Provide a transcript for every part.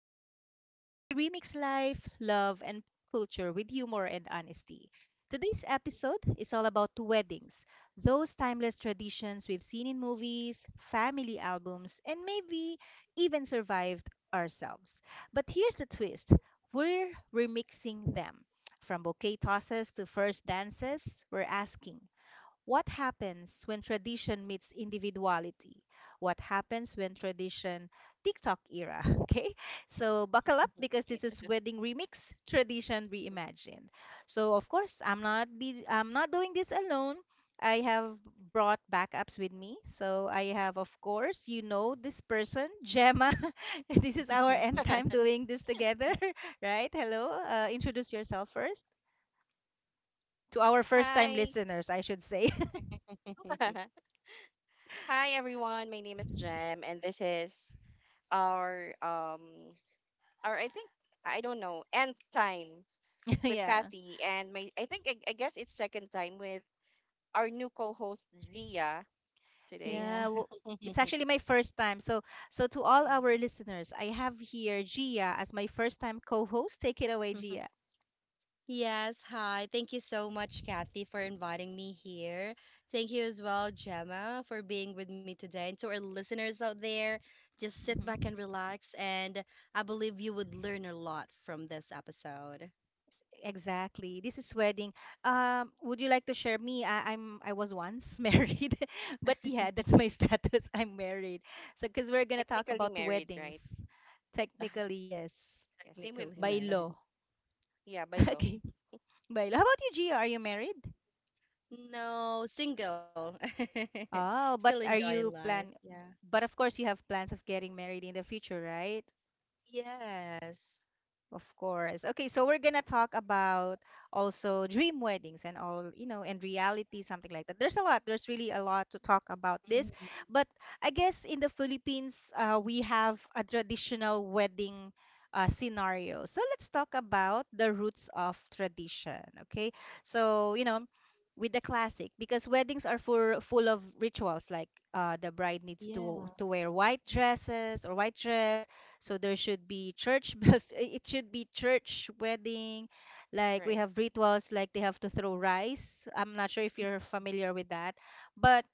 Talk, where we remix life, love, and culture with humor and honesty. Today's episode is all about weddings, those timeless traditions we've seen in movies, family albums, and maybe even survived ourselves. But here's the twist, we're remixing them. From bouquet tosses to first dances, we're asking, what happens when tradition meets individuality? What happens when tradition TikTok era? Okay, so buckle up because this is wedding remix, tradition reimagined. So of course I'm not doing this alone. I have brought backups with me. So I have, of course, you know this person Gemma. This is our end time doing this together, right? Hello, introduce yourself first to our first time Hi. listeners, I should say. Hi everyone. My name is Jem and this is our um our I think I don't know, nth time with Yeah. Kathy and my I think I guess it's second time with our new co-host Gia today. Yeah. Yeah, well, it's actually my first time. So, so to all Yeah. our listeners, I have here Gia as my first time co-host. Take it away, Gia. Yes, hi. Thank you so much, Kathy, for inviting me here. Thank you as well, Gemma, for being with me today. And to our listeners out there, just sit back Mhm. and relax. And I believe you would learn a lot from this episode. Exactly. This is wedding. Would you like to share me? I'm I was once married, but yeah, that's my status. I'm married. So, because we're gonna talk Technically about married, weddings. right? Technically, yes, Yeah, same with Technically me, by but law. married. yeah, by law, Okay, by law. How about you, Gia? Are you married? No, single. Oh, Still but are enjoying you life. plan? Yeah. But of course, you have plans of getting married in the future, right? Yes. Of course. Okay, so we're gonna talk about also dream weddings and all, you know, and reality, something like that. There's a lot. There's really a lot to talk about this. But I guess in the Philippines, we have a traditional wedding scenario. So let's talk about the roots of tradition. Okay, so you know, with the classic, because weddings are full of rituals, like the bride needs to Yeah. Wear white dresses or white dress, so there should be church bells. It should be church wedding. Like right? we have rituals, like they have to throw rice. I'm not sure if you're familiar with that. But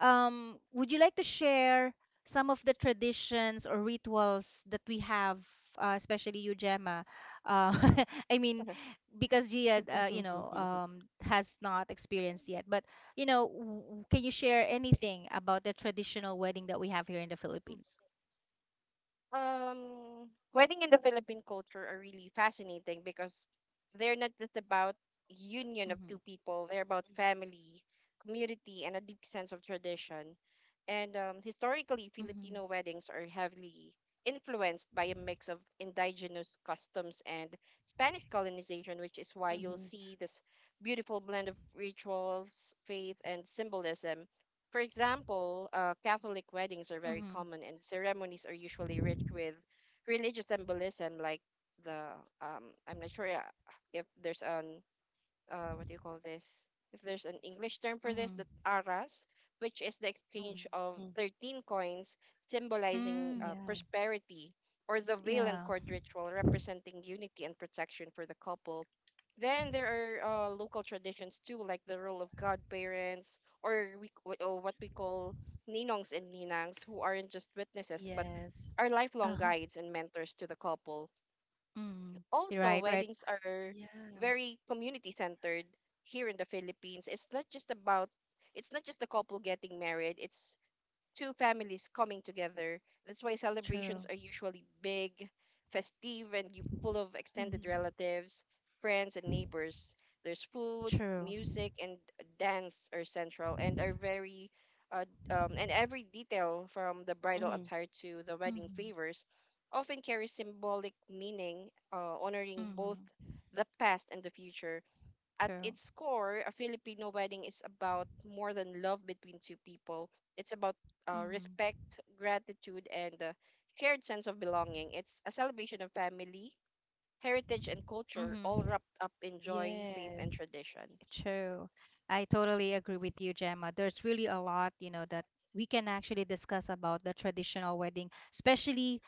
would you like to share some of the traditions or rituals that we have, especially you, Gemma? Uh, I mean, because Gia, you know, has not experienced yet. But you know, can you share anything about the traditional wedding that we have here in the Philippines? Wedding in the Philippine culture are really fascinating because they're not just about union of Mm-hmm. two people, they're about family, community, and a deep sense of tradition. And historically, Mm-hmm. Filipino weddings are heavily influenced by a mix of indigenous customs and Spanish colonization, which is why you'll Mhm. see this beautiful blend of rituals, faith, and symbolism, for example, Catholic weddings are very Mm-hmm. common, and ceremonies are usually rich with religious symbolism, like the I'm not sure if there's an what do you call this? If there's an English term for this, Mhm. that aras, which is the Mhm. exchange Mhm. of 13 coins symbolizing Yeah. Mm. prosperity, or the veil and Yeah. cord ritual representing unity and protection for the couple. Then there are local traditions too, like the role of godparents, or what we call ninongs and ninangs, who aren't just witnesses Yes. but are lifelong Uh-huh. guides and mentors to the couple. Mm. You're Also, right, right. weddings are Yeah. very community centered here in the Philippines. It's not just the couple getting married. It's two families coming together. That's why True. celebrations are usually big, festive, and full of extended Mhm. relatives, friends, and neighbors. There's food, True. music, and dance are central and every detail Mhm. from the bridal attire to the wedding Mhm. favors often carries symbolic meaning, honoring both Mhm. the past and the future. At True. its core, a Filipino wedding is about more than love between two people. It's about Mhm. respect, gratitude, and a shared sense of belonging. It's a celebration of family, heritage, and culture, Mhm. all wrapped up in joy, faith, and Yes. tradition. I True. I totally agree with you, Gemma. There's really a lot, you know, that we can actually discuss about the traditional wedding, especially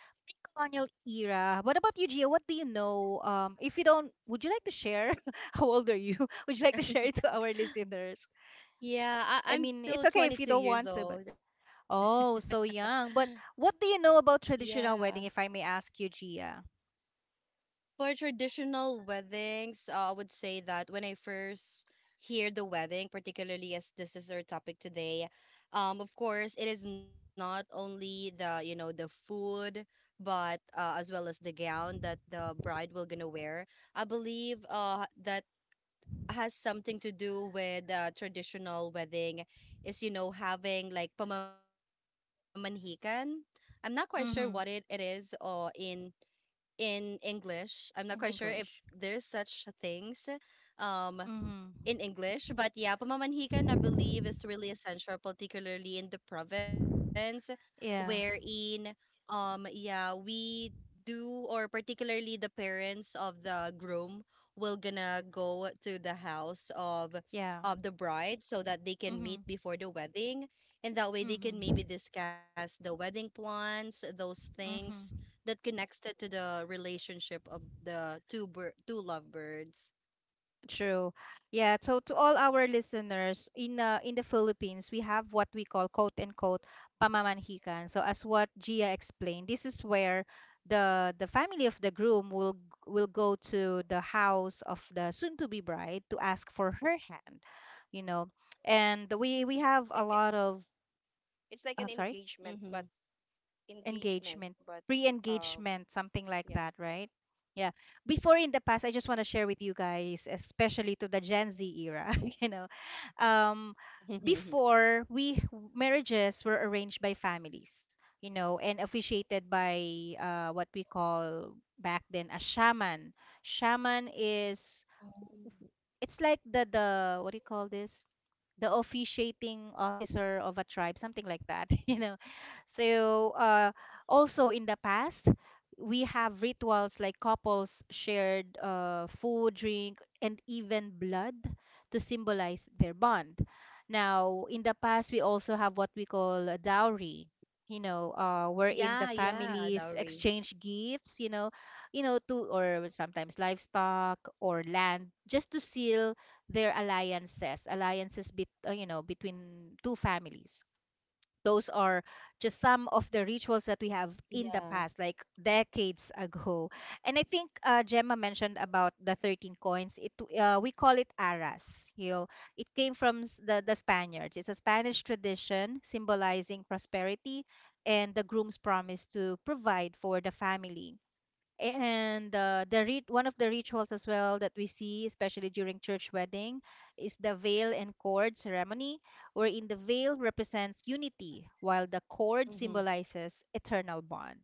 colonial era. What about you, Gia? What do you know? If you don't, would you like to share? How old are you? Would you like to share it to our listeners? Yeah, I'm I still mean, it's 22 okay if you years don't want to, old. but Oh, so young. But what do you know about Yeah. traditional wedding, if I may ask you, Gia? For traditional weddings, I would say that when I first hear the wedding, particularly as this is our topic today, of course, it is not only the you know the food, but as well as the gown that the bride will gonna wear. I believe that has something to do with traditional wedding is having like pamamanhikan. I'm not quite sure what it is Mm-hmm. in English. I'm not quite sure if In there's English. such a things. Um, in Mm-hmm. English. But yeah, pamamanhikan, I believe, is really essential, particularly in the province, Yeah. wherein, yeah, we do, or particularly the parents of the groom will gonna go to the house of the Yeah. bride so that they can meet Mm-hmm. before the wedding, and that way they can maybe Mm-hmm. discuss the wedding plans, those things Mm-hmm. that connected to the relationship of the two lovebirds True. Yeah, so to all our listeners in the Philippines, we have what we call, quote unquote, pamamanhikan. So as what Gia explained, this is where the family of the groom will go to the house of the soon to be bride to ask for her hand, you know. And we have a think lot it's of it's like an I'm sorry mm-hmm. Engagement, engagement, but um, pre-engagement, something like yeah. that, right? Yeah, before, in the past, I just want to share with you guys, especially to the Gen Z era, you know, um before we marriages were arranged by families, you know, and officiated by what we call back then a shaman. Shaman is, it's like the what do you call this, the officiating officer of a tribe, something like that, you know. So also in the past, we have rituals like couples shared food, drink, and even blood to symbolize their bond. Now, in the past, we also have what we call a dowry. You know, Yeah, wherein the yeah, families dowry. exchange gifts, you know, to or sometimes livestock or land, just to seal their alliances, you know, between two families. Those are just some Yeah. of the rituals that we have in the past, like decades ago. And I think Gemma mentioned about the 13 coins. It we call it aras. You know, it came from the Spaniards. It's a Spanish tradition symbolizing prosperity and the groom's promise to provide for the family. And the rit one of the rituals as well that we see, especially during church wedding, is the veil and cord ceremony, wherein the veil represents unity, while the cord Mm-hmm. symbolizes eternal bond.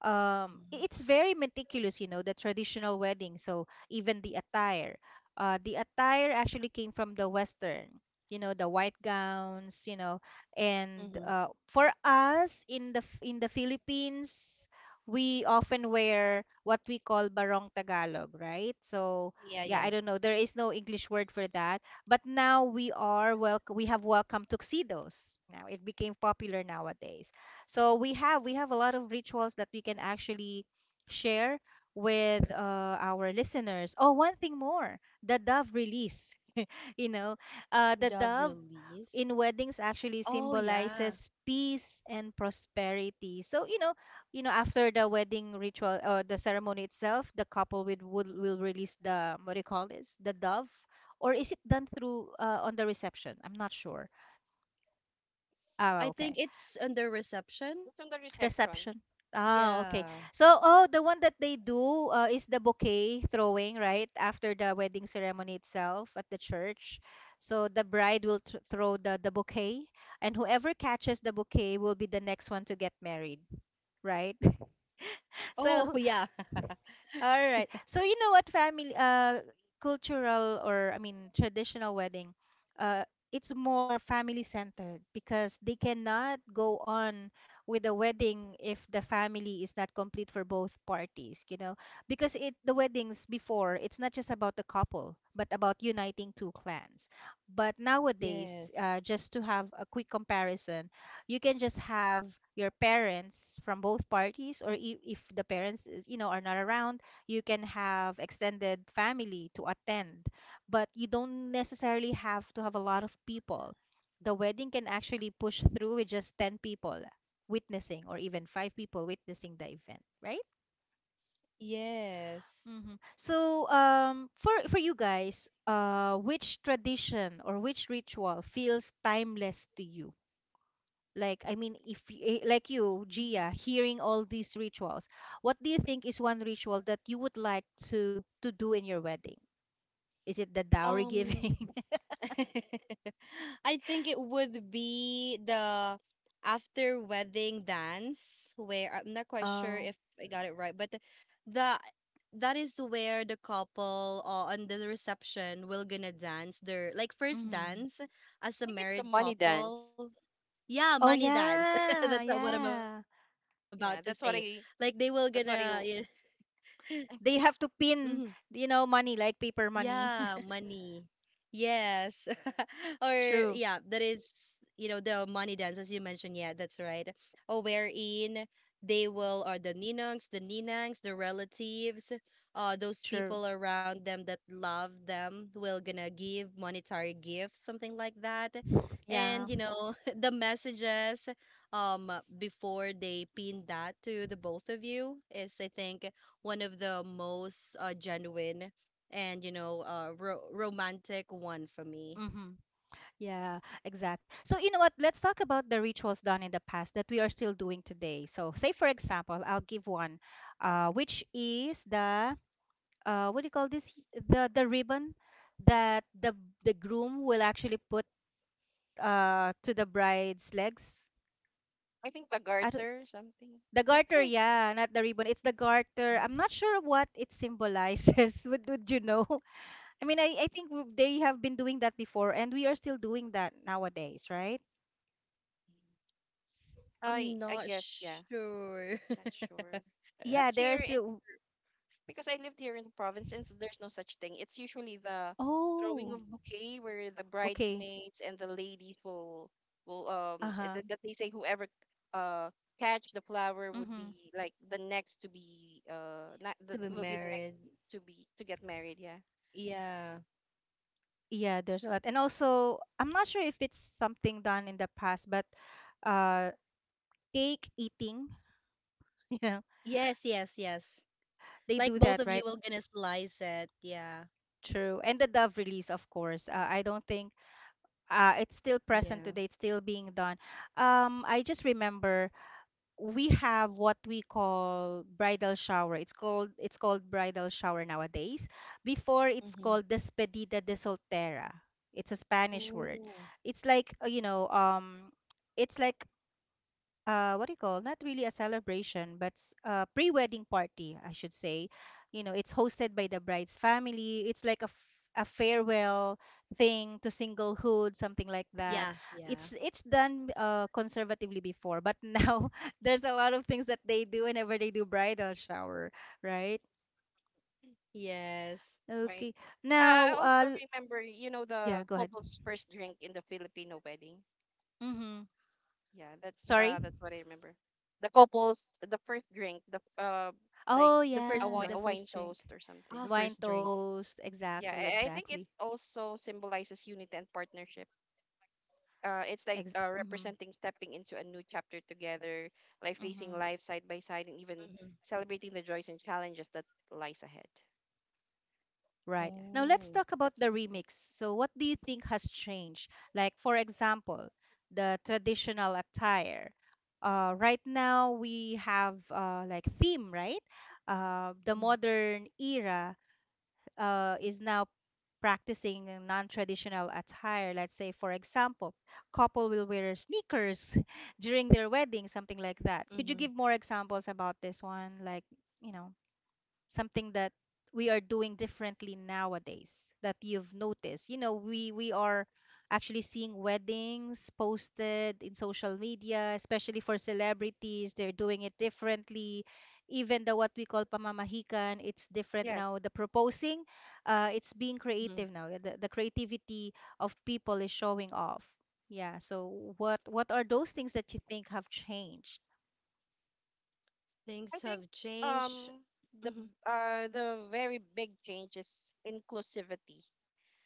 It's very meticulous, you know, the traditional wedding, so even the attire, the attire actually came from the western, you know, the white gowns, you know. And Mm-hmm. For us in the in the Philippines, we often wear what we call barong tagalog, right? So Yeah, yeah, I yeah. don't know, there is no English word for that. But now we are, well, we have welcome tuxedos, now it became popular nowadays. So we have a lot of rituals that we can actually share with our listeners. Oh, one thing more, the dove release. You know, the The dove release. in weddings actually Oh, yeah. symbolizes peace and prosperity. So, you know, after the wedding ritual or the ceremony itself, the couple would will release the, what do you call this, the dove. Or is it done through on the reception? I'm not sure. Ah, I okay. think it's under What's on reception. the reception? Reception. Ah, okay. Yeah. So, oh, the one that they do is the bouquet throwing, right? After the wedding ceremony itself at the church. So the bride will th throw the bouquet, and whoever catches the bouquet will be the next one to get married, right? Oh, yeah. So all right. So you know what, family cultural, or I mean traditional wedding, uh it's more family centered because they cannot go on with the wedding if the family is not complete for both parties, you know. Because it, the weddings before, it's not just about the couple but about uniting two clans. But nowadays, Yes. Just to have a quick comparison, you can just have your parents from both parties, or if the parents is, you know, are not around, you can have extended family to attend, but you don't necessarily have to have a lot of people. The wedding can actually push through with just 10 people witnessing, or even 5 people witnessing the event, right? Yes. Hmm. So, for you guys, which tradition or which ritual feels timeless to you? Like, I mean, if like you, Gia, hearing all these rituals, what do you think is one ritual that you would like to do in your wedding? Is it the dowry Um, giving? I think it would be the after wedding dance where I'm not quite sure Oh. if I got it right, but the that is where the couple, on the reception, will gonna dance their like first Mm. dance as I a think it's the married money couple. dance. Yeah, money Oh dance. That's yeah, what I'm about to yeah. say. Like they Yeah, will that's what I. gonna, yeah. That's what I. They Mm-hmm. have to pin, you know, money like paper Yeah, money. money. Yes. Or yeah, True, that is, the money dance as you mentioned. Yeah, that's right. Or wherein they will, or the ninongs, the ninangs, the relatives, those true. people around them that love them will gonna give monetary gifts, something like that. Yeah. And the messages um before they pin that to the both of you is, I think, one of the most genuine and, a romantic one for me. Mm-hmm. Yeah, exactly. So you know what? Let's talk about the rituals done in the past that we are still doing today. So say for example, I'll give one, which is the what do you call this, the ribbon that the groom will actually put to the bride's legs. I think the I garter something. The Yeah. garter, yeah, not the ribbon. It's the garter. I'm not sure what it symbolizes. Would you know? I mean, I think they have been doing that before, and we are still doing that nowadays, right? I'm I not guess, yeah. sure Not sure. to Because Yeah, they're here in still. because I lived here in the province, and there's no such thing. It's usually the throwing Oh, of bouquet where the okay. bridesmaids and the ladies will Uh-huh. that they say whoever uh catch the flower would Mm-hmm. be like the next to be not, the, be will be the next married. To get married. Yeah, Yeah. Yeah, there's a lot. And also, I'm not sure if it's something done in the past, but uh, cake eating, you know, Yes, yes, yes. they Like do both that, of you right? will gonna slice it. Yeah. True. And the Dove release, of course. I don't think it's still present Yeah. today. It's still being done. I just remember we have what we call bridal shower. It's called bridal shower nowadays. Before it's Mm-hmm. called despedida de soltera. It's a Spanish word. Oh. It's like you know, it's like what do you call, not really a celebration but a pre-wedding party, I should say. You know, it's hosted by the bride's family. It's like a, a farewell thing to singlehood, something like that. Yeah, yeah. It's done conservatively before, but now there's a lot of things that they do whenever they do bridal shower, right? Yes. right. Okay, I now also remember you know the yeah, go ahead. couple's first drink in the Filipino wedding. Mm-hmm. Yeah, that's Sorry. uh that's what I remember. The The couples, first the night. first drink, the Ah, like Oh first a yeah, wine, drink. the a wine first drink, toast or something. the wine toast, Yeah, exactly, I think exactly. it's also symbolizes unity and partnership. It's like Ex- mhm. representing stepping into a new chapter together, like facing Mm-hmm. life side by Mm-hmm. side, and even celebrating the joys and challenges that lies ahead. Right. Yeah, Oh. Now let's that's I talk think about that's the the symbol. remix. So what do you think has changed? Like for example, the traditional attire. Right now we have like theme, right? Mm-hmm. The modern era is now practicing a non-traditional attire. Let's say, for example, couple will wear sneakers during their Mm-hmm. wedding, something like that. Could you give more examples about this one? You know. Something that we are doing differently nowadays that you've noticed, you know, we are actually seeing weddings posted in social media, especially for celebrities. They're doing it differently. Even the what we call pamamahikan, it's different Yes, now. The proposing, it's being Mm-hmm. creative now. The creativity of people is showing off. Yeah, so what are those things that you think have changed? Things I have think changed. um Mm-hmm. The very big change is inclusivity.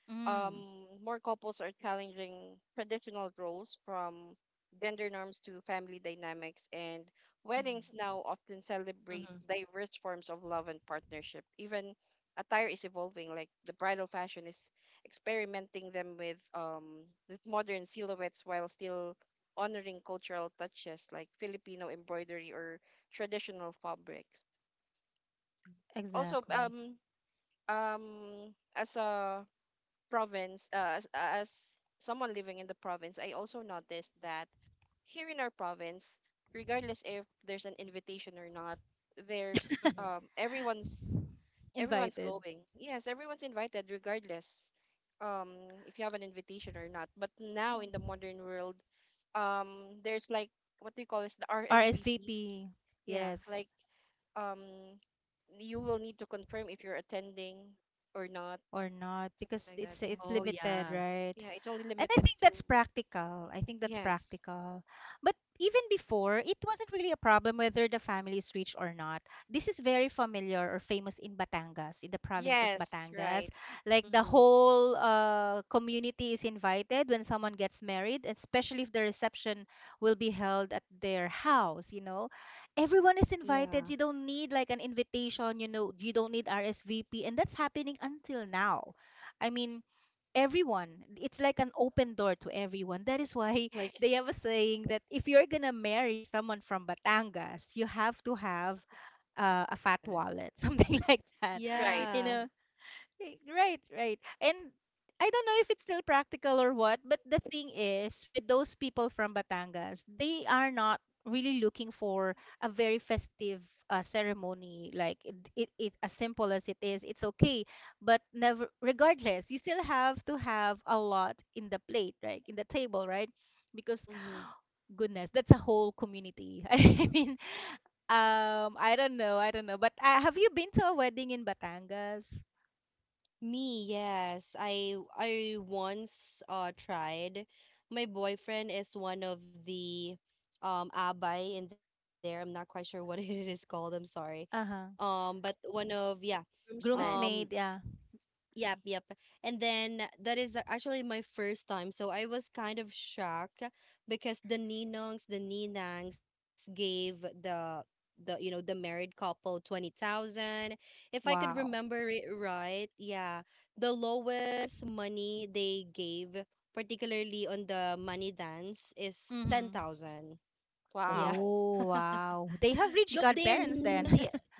mm, More couples are challenging traditional roles from gender norms to family dynamics, and mm, weddings now often Mm-hmm. celebrate diverse forms of love and partnership. Even attire is evolving, like the bridal fashion is experimenting them with modern silhouettes while still honoring cultural touches like Filipino embroidery or traditional fabrics. Also, exactly. Um, as a as someone living in the province, I also noticed that here in our province, regardless if there's an invitation or not, Mm-hmm. there's everyone's Invited. going. Yes, everyone's invited regardless if you have an invitation or not. But now in the modern world, there's like, what do you call this, the RSVP? RSVP. Yeah, Yes, like um you will need to confirm if you're attending or not, or not, something because like that. it's Yeah. Oh, it's yeah. limited, right? Yeah, it's only And I limited think that's to, practical. I think that's yes. practical. But even before, it wasn't really a problem whether the family is rich or not. This is very familiar or famous in Batangas, in the province of Yes, right. Batangas. Like the Mm-hmm. whole community is invited when someone gets married, especially if the reception will be held at their house, you know. Everyone is Yeah. invited. You don't need like an invitation, you know, you don't need RSVP. And that's happening until now. I mean, everyone, it's like an open door to everyone. That is why Like, they have a saying that if you're gonna marry someone from Batangas, you have to have a fat okay. wallet, something like that, Right. you Yeah. know. Right, right, right. And I don't know if it's still practical or what, but the thing is, with those people from Batangas, they are not really looking for a very festive ceremony. Like it, as simple as it is, it's okay. But never, regardless, you still have to have a lot in the plate, right? In the table, right? Because Mm-hmm. goodness, that's a whole community. I mean, I don't know, I don't know. But have you been to a wedding in Batangas? Me, yes. I once tried. My boyfriend is one of the abay in there. I'm not quite sure what it is called. I'm sorry. Uh-huh. But one of, yeah. Like Um, groomsman. Groomsmaid, yeah. Yep, yep. And then that is actually my first time. So I was kind of shocked because the ninongs, the ninangs gave the you know the married couple 20,000. If I could Wow. remember it right, yeah, the lowest money they gave, particularly on the money dance, is Mm-hmm. 10,000. Yeah. Wow. Oh, wow. They Though have rich they are godparents nearly, then.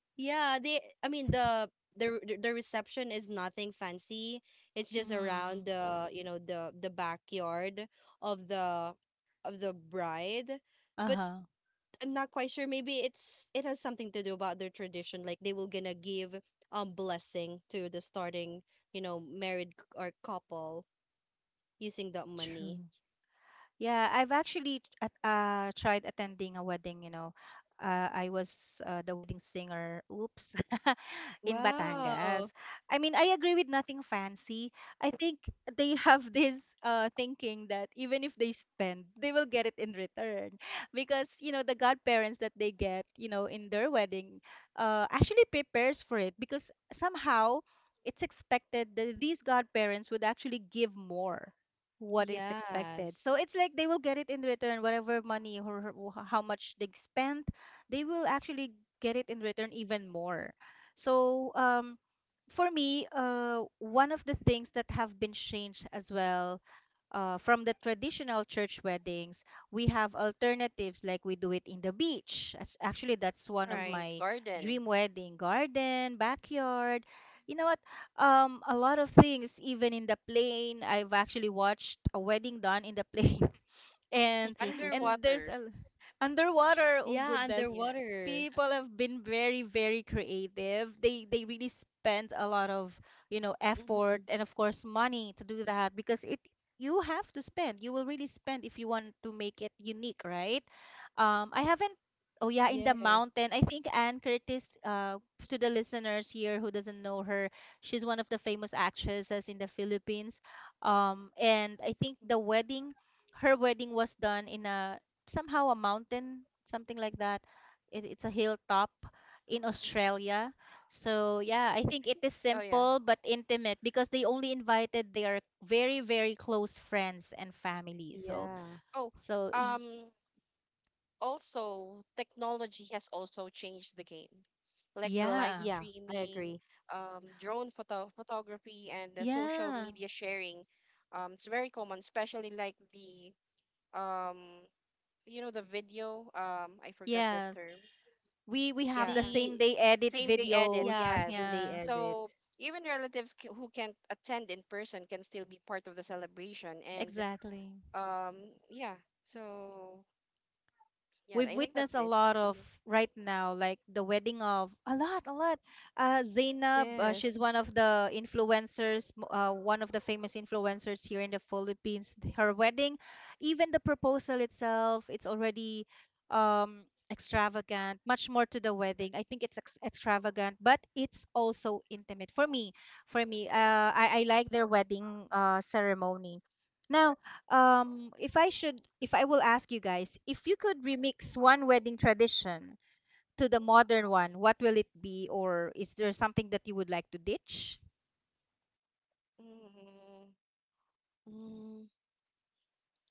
yeah, they, I mean, the reception is nothing fancy. It's just around Mm-hmm. the, the backyard of the of the bride. But Uh-huh. I'm not quite sure, maybe it's, it has something to do about their tradition, like they will gonna give blessing to the starting, married or couple using that money. True. Yeah, I've actually tried attending a wedding, you know. I was the wedding singer. Oops. In Wow. Batangas. I mean, I agree with nothing fancy. I think they have this thinking that even if they spend, they will get it in return. Because, you know, the godparents that they get, you know, in their wedding actually prepares for it, because somehow it's expected that these godparents would actually give more what is expected. Yes. So it's like they will get it in return, whatever money or how much they spent, they will actually get it in return even more. So for me, one of the things that have been changed as well, from the traditional church weddings, we have alternatives, like we do it in the beach. Actually, that's one of Mm-hmm. Right. my Garden. dream wedding, garden, backyard. You know what? A lot of things, even in the plane. I've actually watched a wedding done in the plane, and and there's Underwater. a Yeah, underwater, oh goodness. underwater. Yes. People have been very creative. They really spend a lot of, you know, Mm-hmm. effort and of course money to do that, because it, you have to spend, you will really spend if you want to make it unique, right? I haven't Yes. Oh yeah, in the mountain, I think Anne Curtis, to the listeners here who doesn't know her, she's one of the famous actresses in the Philippines. And I think the wedding her wedding was done in a somehow a mountain, something like that. It's a hilltop in Mm-hmm. Australia. So yeah, I think I it think, is oh yeah. simple but intimate, because they only invited their very close friends and family. So Yeah. Oh, so y- um also technology has also changed the game. Like the live Yeah, yeah. I streaming, agree. Drone photo photography and the social Yeah. media sharing. It's very common, especially like the um the video, I forgot the Yes. term. We have Yeah, the The same day edit same day edit. videos. Yeah, Yes. same day Yeah. edit. So even relatives who can't attend in person can still be part of the celebration and Exactly. um yeah. So yeah, We've I think witnessed that's a it. lot of hmm right now, like the wedding of a lot. Zainab, Yes. she's one of the influencers, one of the famous influencers here in the Philippines. Her wedding, even the proposal itself, it's already um, extravagant, much more to the wedding. I think it's extravagant, but it's also intimate for me. For me, I like their wedding ceremony. Now, if I will ask you guys, if you could remix one wedding tradition to the modern one, what will it be, or is there something that you would like to ditch? mm Mm,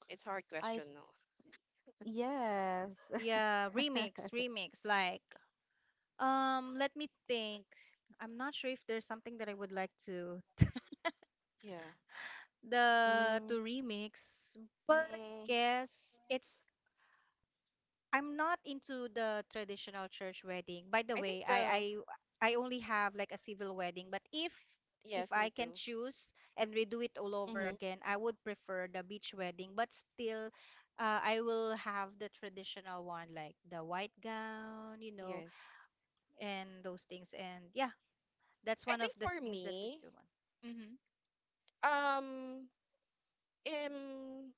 it's I th- hard question though. yes. Yeah, remix like, let me think. I'm not sure if there's something that I would like to Yeah. the Mm, to remix, but I mm, guess it's, I'm not into the traditional church wedding. By the I think way, the I only have like a civil wedding, but if Yes, I me can too. choose and redo it mm-hmm, all over again, I would prefer the beach wedding, but still, I will have the traditional one, like the white gown, you know, Yes, and those things. And yeah, that's I one of think the for things that is me still one. Mm-hmm. um um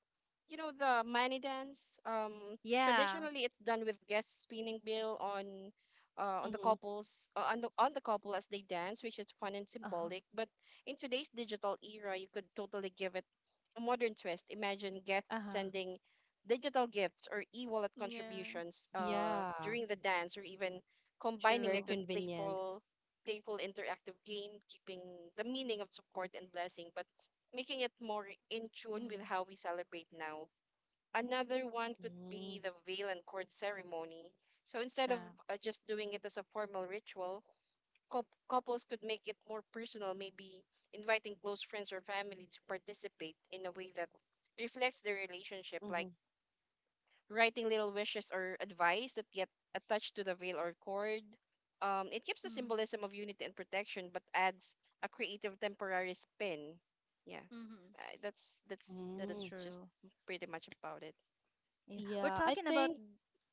you know the money dance, Yeah. traditionally it's done with guests spinning bill mm-hmm. on the couples on the couple as they dance, which is fun and Uh-huh. symbolic, but in today's digital era you could totally give it a modern twist. Imagine guests Uh-huh. sending digital gifts or e-wallet Yeah. contributions Yeah, during the dance, or even very combining it True. with convenient. Playful interactive game, keeping the meaning of support and blessing but making it more in tune with Mm. how we celebrate now. Another one could Mm, be the veil and court ceremony. So instead of Sure. Just doing it as a formal ritual, couples could make it more personal, maybe inviting close friends or family to participate in a way that reflects their mm-hmm, relationship, like writing little wishes or advice that get attached to the veil or cord. It keeps the Mm. symbolism of unity and protection, but adds a creative temporary spin. Yeah, Mm-hmm. I That's mm. that's just true. pretty much about it. Yeah. We're Yeah, I talking about, think.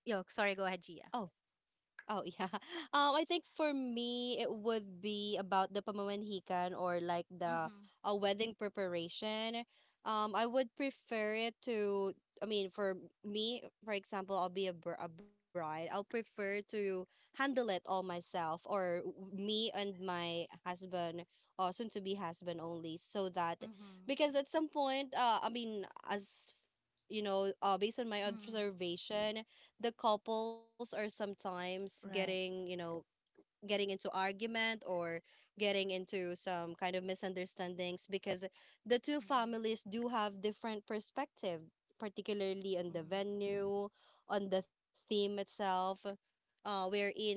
yo, sorry, go ahead, Oh, Gia. Oh yeah. I think for me it would be about the pamamanhikan, or like the Mm-hmm. a wedding preparation. I would prefer it to. I mean, for me, for example, I'll be a bride. I'll prefer to handle it all myself, or me and my husband, or soon to be husband only, so that, Mm-hmm. because at some point, I mean, as you know, based on my Mm-hmm. observation, the couples are sometimes Right. getting into argument, or getting into some kind of misunderstandings, because the two Mm-hmm. families do have different perspective, particularly on the Mm-hmm. venue, on the theme itself. Wherein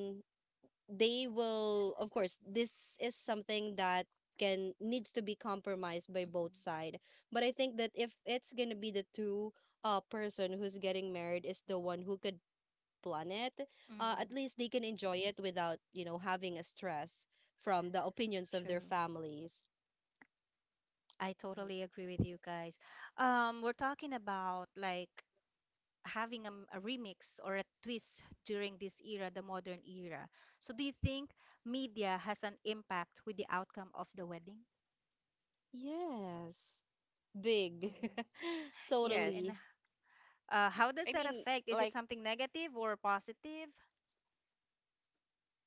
they will, of course, this is something that can, needs to be compromised by both side, but I think that if it's gonna be the two person who's getting married is the one who could plan it, at least they Mm-hmm. can enjoy it without, having a stress from the opinions of their True. families. I Mhm. totally agree with you guys. We're talking about like having a, a remix or a twist during this era, the modern era. So do you think media has an impact with the outcome of the wedding? Yes, big. Mm-hmm. Yeah, and Totally. Yes, how does I that mean, affect? Is it like, something negative or positive?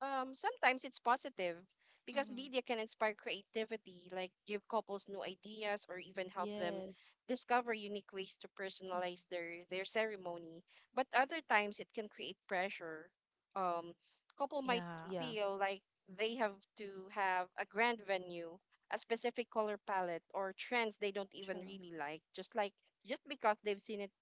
Sometimes it's positive because Mm-hmm. media can inspire creativity, like give couples new ideas or even help them Yes, discover unique ways to personalize Mm-hmm. Their ceremony. But other times it can create pressure. Um, Couple might yeah, Yeah. feel like they have to have a grand venue, a specific color palette, or trends they don't even True. really like, just like, just because they've seen it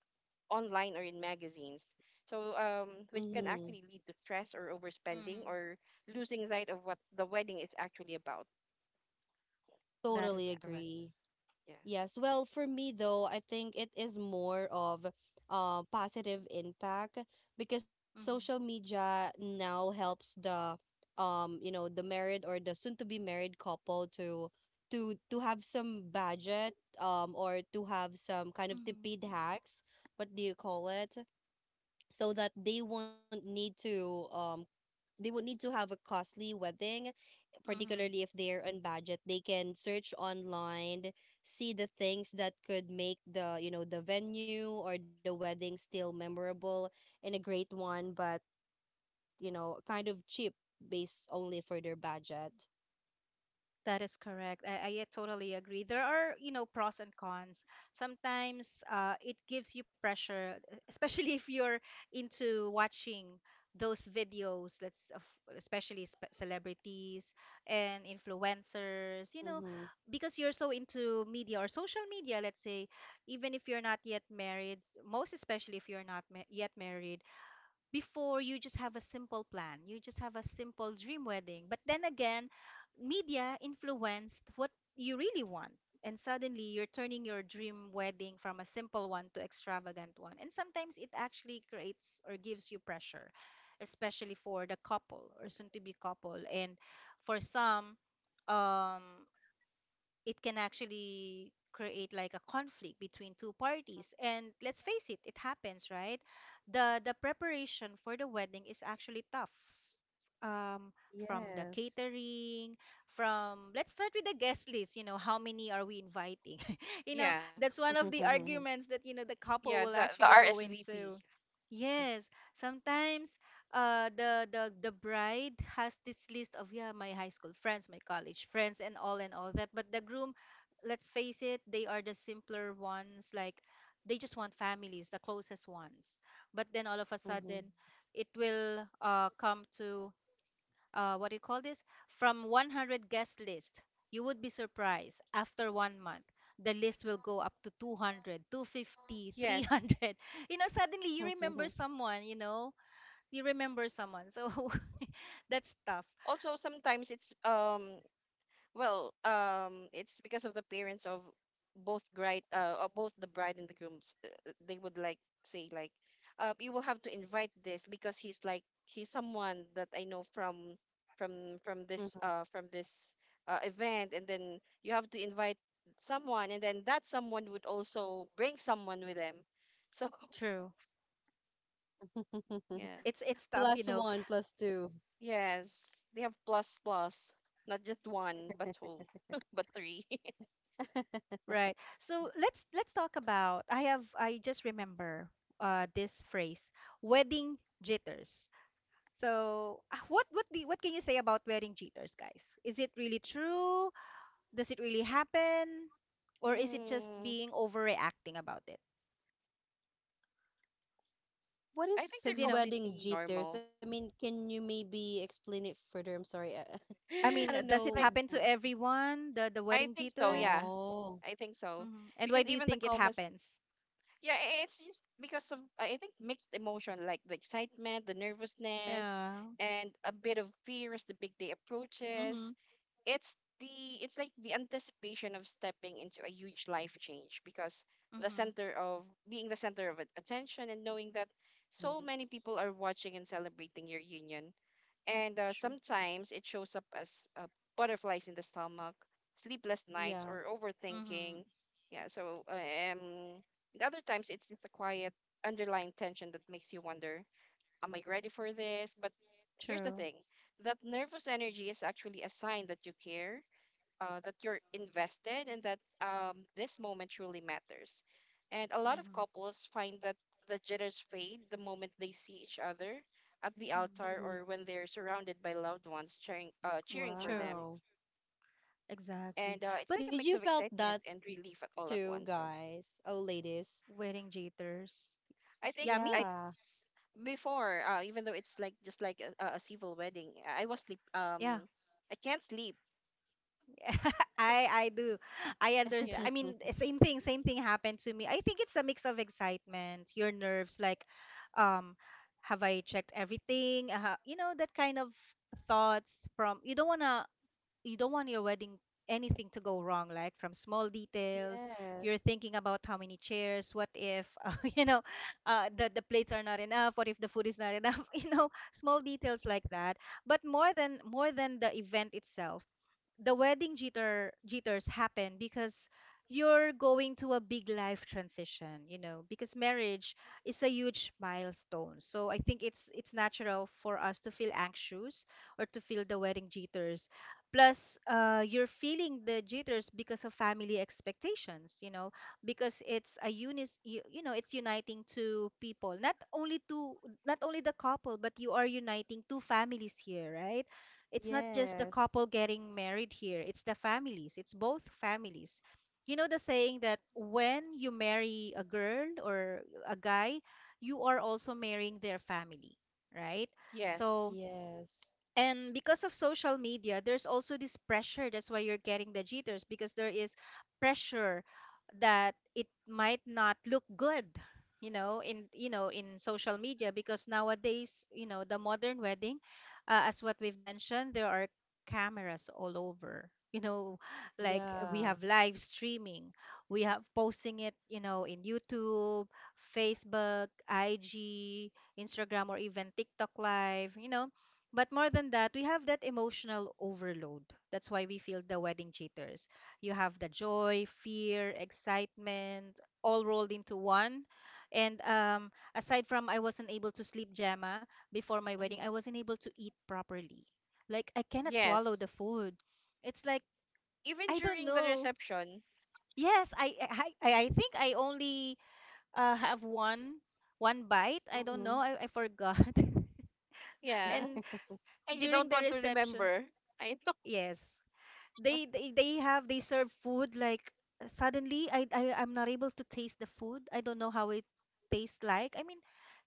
online or in magazines. So, mm-hmm. which can actually lead to stress or overspending Mm-hmm. or losing sight of what the wedding is actually about. That Totally is Yeah, correct. agree. yeah, Yes, well, for me though, I think it is more of positive impact, because social Mm-hmm. media now helps the, the married or the soon to be married couple, to have some budget or to have some kind of Mm-hmm. tipid hacks, what do you call it? So that they won't need to, they would need to have a costly wedding, particularly Mm-hmm. if they're on budget, they can search online, see the things that could make the, the venue or the wedding still memorable and a great one, but kind of cheap based only for their budget. That is correct. I totally agree. There are, you know, pros and cons. Sometimes it gives you pressure, especially if you're into watching those videos, let's of especially spe celebrities and influencers, you know, Mm-hmm. because you're so into media or social media, let's say, even if you're not yet married, most especially if you're not ma yet married, before you just have a simple plan, you just have a simple dream wedding, but then again, media influenced what you really want, and suddenly you're turning your dream wedding from a simple one to extravagant one, and sometimes it actually creates or gives you pressure, especially for the couple or soon to be couple. And for some, um it can actually create like a conflict between two parties, and let's face it, it happens, right? The preparation for the wedding is actually tough. um from the Yes. catering, from, let's start with the guest list, you know, how many are we inviting? You know, yeah, that's one of the arguments that, you know, the yeah. couple The will the actually go RSVP. into. Yes, sometimes the bride has this list of, yeah, my high school friends, my college friends and all that, but the groom, let's face it, they are the simpler ones. Like they just want families, the closest ones. But then all of a sudden, it will come to, what do you call this, from 100 guest list, you would be surprised, after 1 month the list will go up to 200. Yes. You know, suddenly you remember someone, you know, you remember someone. So that's tough. Also, sometimes it's well, it's because of the parents of both the bride and the grooms. They would like say like, you will have to invite this because he's like he's someone that I know from this event, and then you have to invite someone, and then that someone would also bring someone with them. So, True. yeah, It's tough, Plus you know. one, plus two. yes, they have plus plus, not just one but two, but three. Right. So let's talk about, I have, I just remember this phrase, wedding jitters. So ah, what can you say about wedding jitters, guys? Is it really true? Does it really happen? Or is it just Mm. being overreacting about it? What I think is they're Because you know, wedding completely jitters? I normal. mean, can you maybe explain it further? I'm sorry. I, I I don't mean, does know. it Like, happen wh- to everyone? The I wedding think so, jitters? yeah. Oh, I think so. Hmm. And why Because do you even the think it calmest happens? Yeah, it's just because of I think mixed emotion like the excitement, the nervousness, Yeah. and a bit of fear as the big day Mm-hmm. approaches. It's the, it's like the anticipation of stepping into a huge life change because the center of being the center of attention and knowing that so many mm, people are watching and celebrating your union. And True. sometimes it shows up as butterflies in the stomach, sleepless nights, yeah. or Mm-hmm. overthinking. Yeah, so and other times it's just a quiet underlying tension that makes you wonder, am I ready for this? But here's the True. thing, that nervous energy is actually a sign that you care, that you're invested and that this moment truly matters. And a lot of Mm-hmm. couples find that the jitters fade the moment they see each other at the altar Mm-hmm. Hmm. or when they're surrounded by loved ones cheering, cheering for True. them. Wow. Exactly. And it's But like a Did mix you of felt excitement that and relief at all at too, once. So guys? Oh, ladies. wedding jitters. I think Yeah, me. Yeah. s- before, even though it's like just like a civil wedding, I was sleep. Yeah. I can't sleep. I I do. I understand. Yeah. I mean, eh, same thing happened to me. I think it's a mix of excitement, your nerves, like, um, have I checked everything? You know, that kind of thoughts from, you don't wanna, you don't want your wedding, anything to go wrong, like from small details. You're Yes. thinking about how many chairs, what if, you know, the plates are not enough, what if the food is not enough, you know, small details like that. But more than the event itself, the wedding jitters happen because you're going to a big life transition, you know, because marriage is a huge milestone. So I think it's natural for us to feel anxious or to feel the wedding jitters. Plus, you're feeling the jitters because of family expectations, you know, because it's a unis you know it's uniting two people, not only two, not only the couple, but you are uniting two families here, right? It's not just the Yes. couple getting married here, it's the families, it's both families. You know the saying that when you marry a girl or a guy, you are also marrying their family, right? So Yes. Yes. and because of social media, there's also this pressure. That's why you're getting the jitters because there is pressure that it might not look good, in social media because nowadays, the modern wedding, as what we've mentioned, there are cameras all over. You know, like we Yeah. have live streaming, we have posting it, in YouTube, Facebook, IG, Instagram, or even TikTok Live. But more than that, we have that emotional overload. That's why we feel the wedding jitters. You have the joy, fear, excitement, all rolled into one. And aside from I wasn't able to sleep, Gemma, before my wedding, I Hmm. wasn't able to eat properly. Like I cannot swallow Yes. the food. It's like Even I during the don't know. reception. Yes, I think I only have one bite. I don't know. Mm-hmm. I forgot. Yeah. And And you during don't the want to reception, remember. I to- yes. They serve food like suddenly I'm not able to taste the food. I don't know how it tastes like. I mean,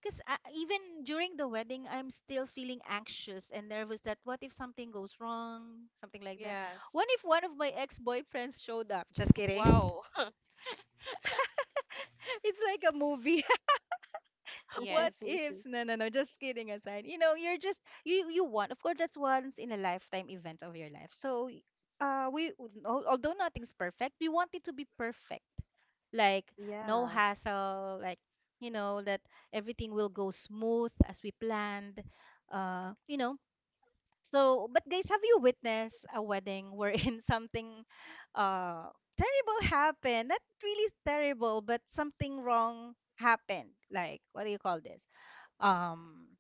because even during the wedding, I'm still feeling anxious and nervous that what if something goes wrong, something like that. yes. What if one of my ex-boyfriends showed up? Just kidding. Wow. It's like a movie. What Yes. ifs? No, no, no. Just kidding aside. You're just you want. Of course, that's once in a lifetime event of your life. So, we although nothing's perfect, we want it to be perfect. Like no Yeah. hassle. Like you know that everything will go smooth as we planned. Uh, you know. So, but guys, have you witnessed a wedding wherein something, uh, terrible happened? Not really terrible, but something wrong happened. Like, what do you call this? um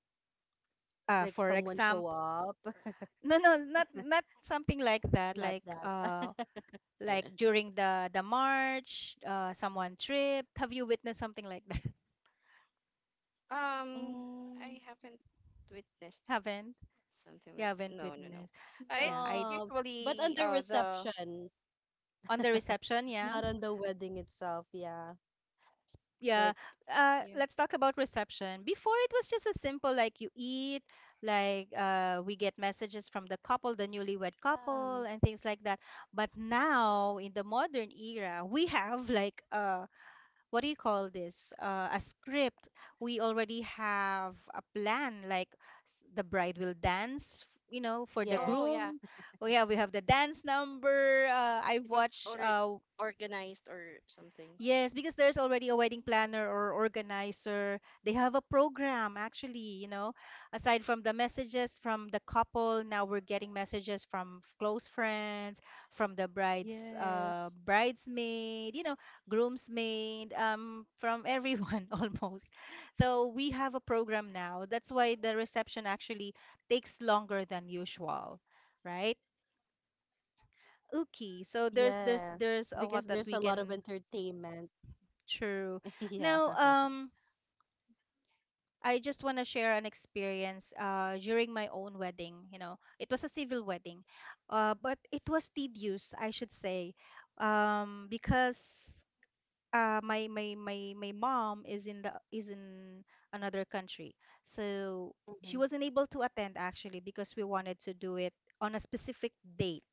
Like for someone show example, up? no, no, not something like that, Not like that. uh like during the march, someone tripped. Have you witnessed something like that? Um, Mm, I haven't witnessed Haven't. something You like, haven't no, no, no. witnessed. Yeah, It's just I, no, but on usually, the the reception, on the reception, yeah. not on the wedding itself. Yeah, Yeah, like, yeah. let's talk about reception. Before, it was just a simple, like you eat, like we get messages from the couple, the newlywed yeah. couple, and things like that. But now in the modern era, we have like what do you call this, a script. We already have a plan, like the bride will dance, for the Yes, Oh yeah, groom. Oh yeah, we have the dance number. I've it was watched. already organized or something. Yes, because there's already a wedding planner or organizer. They have a program actually. Aside from the messages from the couple, now we're getting messages from close friends, from the bride's yes. bridesmaid, groomsmaid, from everyone almost. So we have a program now. That's why the reception actually takes longer than usual, right? Yes, Okay, so because there's there's there's a lot of there's a lot that we entertainment. can. Yeah. True. Now, I just want to share an experience during my own wedding. You know, it was a civil wedding, but it was tedious, I should say, because my mom is in another country, so she Mhm. wasn't able to attend actually because we wanted to do it on a specific date.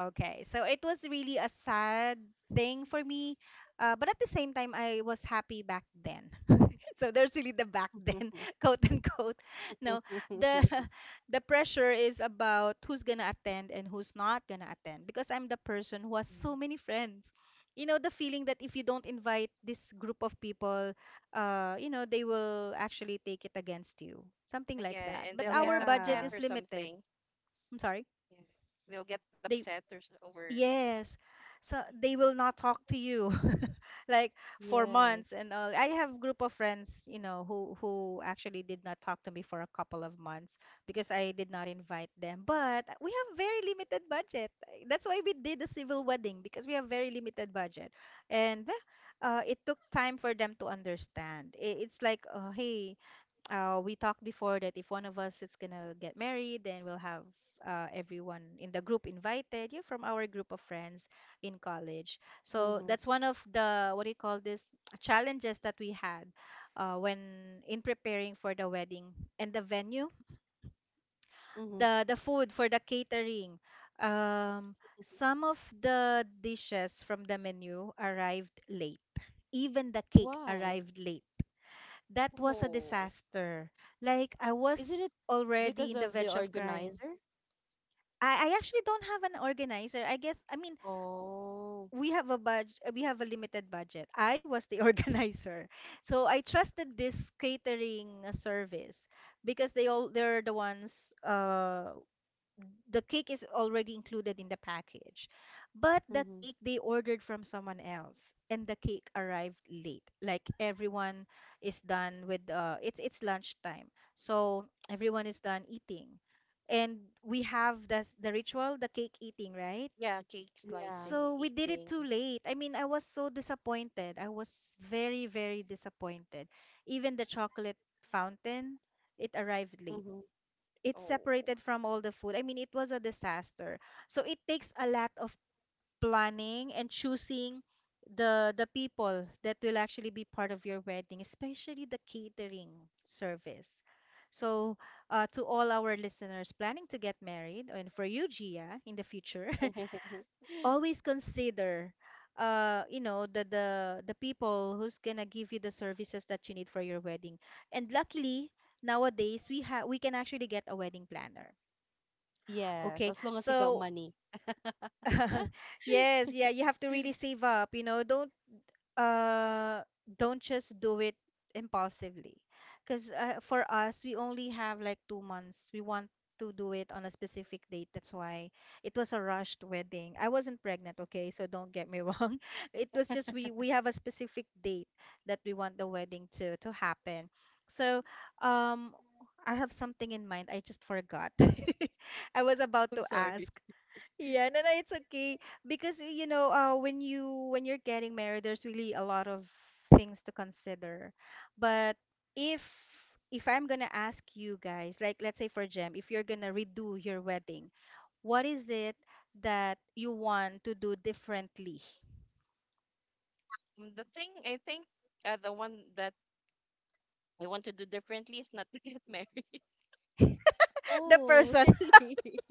Okay, so it was really a sad thing for me, but at the same time, I was happy back then, so there's really the back then, quote unquote. No, the the pressure is about who's gonna attend and who's not gonna attend because I'm the person who has Mm. so many friends. The feeling that if you don't invite this group of people, they will actually take it against you, something like Yeah, that. and But they'll get our budget upset Yeah. or is limited. something. I'm sorry, Yeah, they'll get upset they. or over. Yes. So they will not talk to you like for months Yes. and all. I have group of friends, who actually did not talk to me for a couple of months because I did not invite them. But we have very limited budget. That's why we did the civil wedding because we have very limited budget. And well, it took time for them to understand. It's like, hey, we talked before that if one of us is gonna get married, then we'll have everyone in the group invited. You're from our group of friends in college, so Mm-hmm. that's one of the what do you call this challenges that we had when in preparing for the wedding and the venue, Mm-hmm. the food for the catering. Um, some of the dishes from the menu arrived late. Even the cake Why? arrived late. That was a Oh disaster. Like I Isn't was it already because in the of the verge of crying. organizer? I actually don't have an organizer. I guess I mean Oh, we have a budget, we have a limited budget. I was the organizer. So I trusted this catering service because they're the ones, the cake is already included in the package. But the mhm. cake they ordered from someone else, and the cake arrived late. Like everyone is done with. It's lunchtime. So everyone is done eating. And we have this the ritual, the cake eating, right? yeah, cake Yeah, slicing, So we did it eating. too late. I mean, I was so disappointed. I was very, very disappointed. Even the chocolate fountain, it arrived late. mhm. It's Oh, separated from all the food. I mean, it was a disaster. So it takes a lot of planning and choosing the people that will actually be part of your wedding, especially the catering service. So, to all our listeners planning to get married, and for you, Gia, in the future, always consider, uh, you know, the the the people who's gonna give you the services that you need for your wedding. And luckily, nowadays we can actually get a wedding planner. Okay. Yes, as long as you got So, money. yes, yeah, you have to really save up. Uh don't just do it impulsively. 'Cause for us, we only have like 2 months. We want to do it on a specific date. That's why it was a rushed wedding. I wasn't pregnant, okay? So don't get me wrong. It was just we have a specific date that we want the wedding to happen. So, um I have something in mind. I just forgot. I was about I'm to sorry. ask. Yeah, no, no, it's okay because when you're getting married, there's really a lot of things to consider. But if if I'm gonna ask you guys, like let's say for Jem, if you're gonna redo your wedding, what is it that you want to do differently? Mm, the thing I think the one that I want to do differently is not to get married. The Oh, person, really?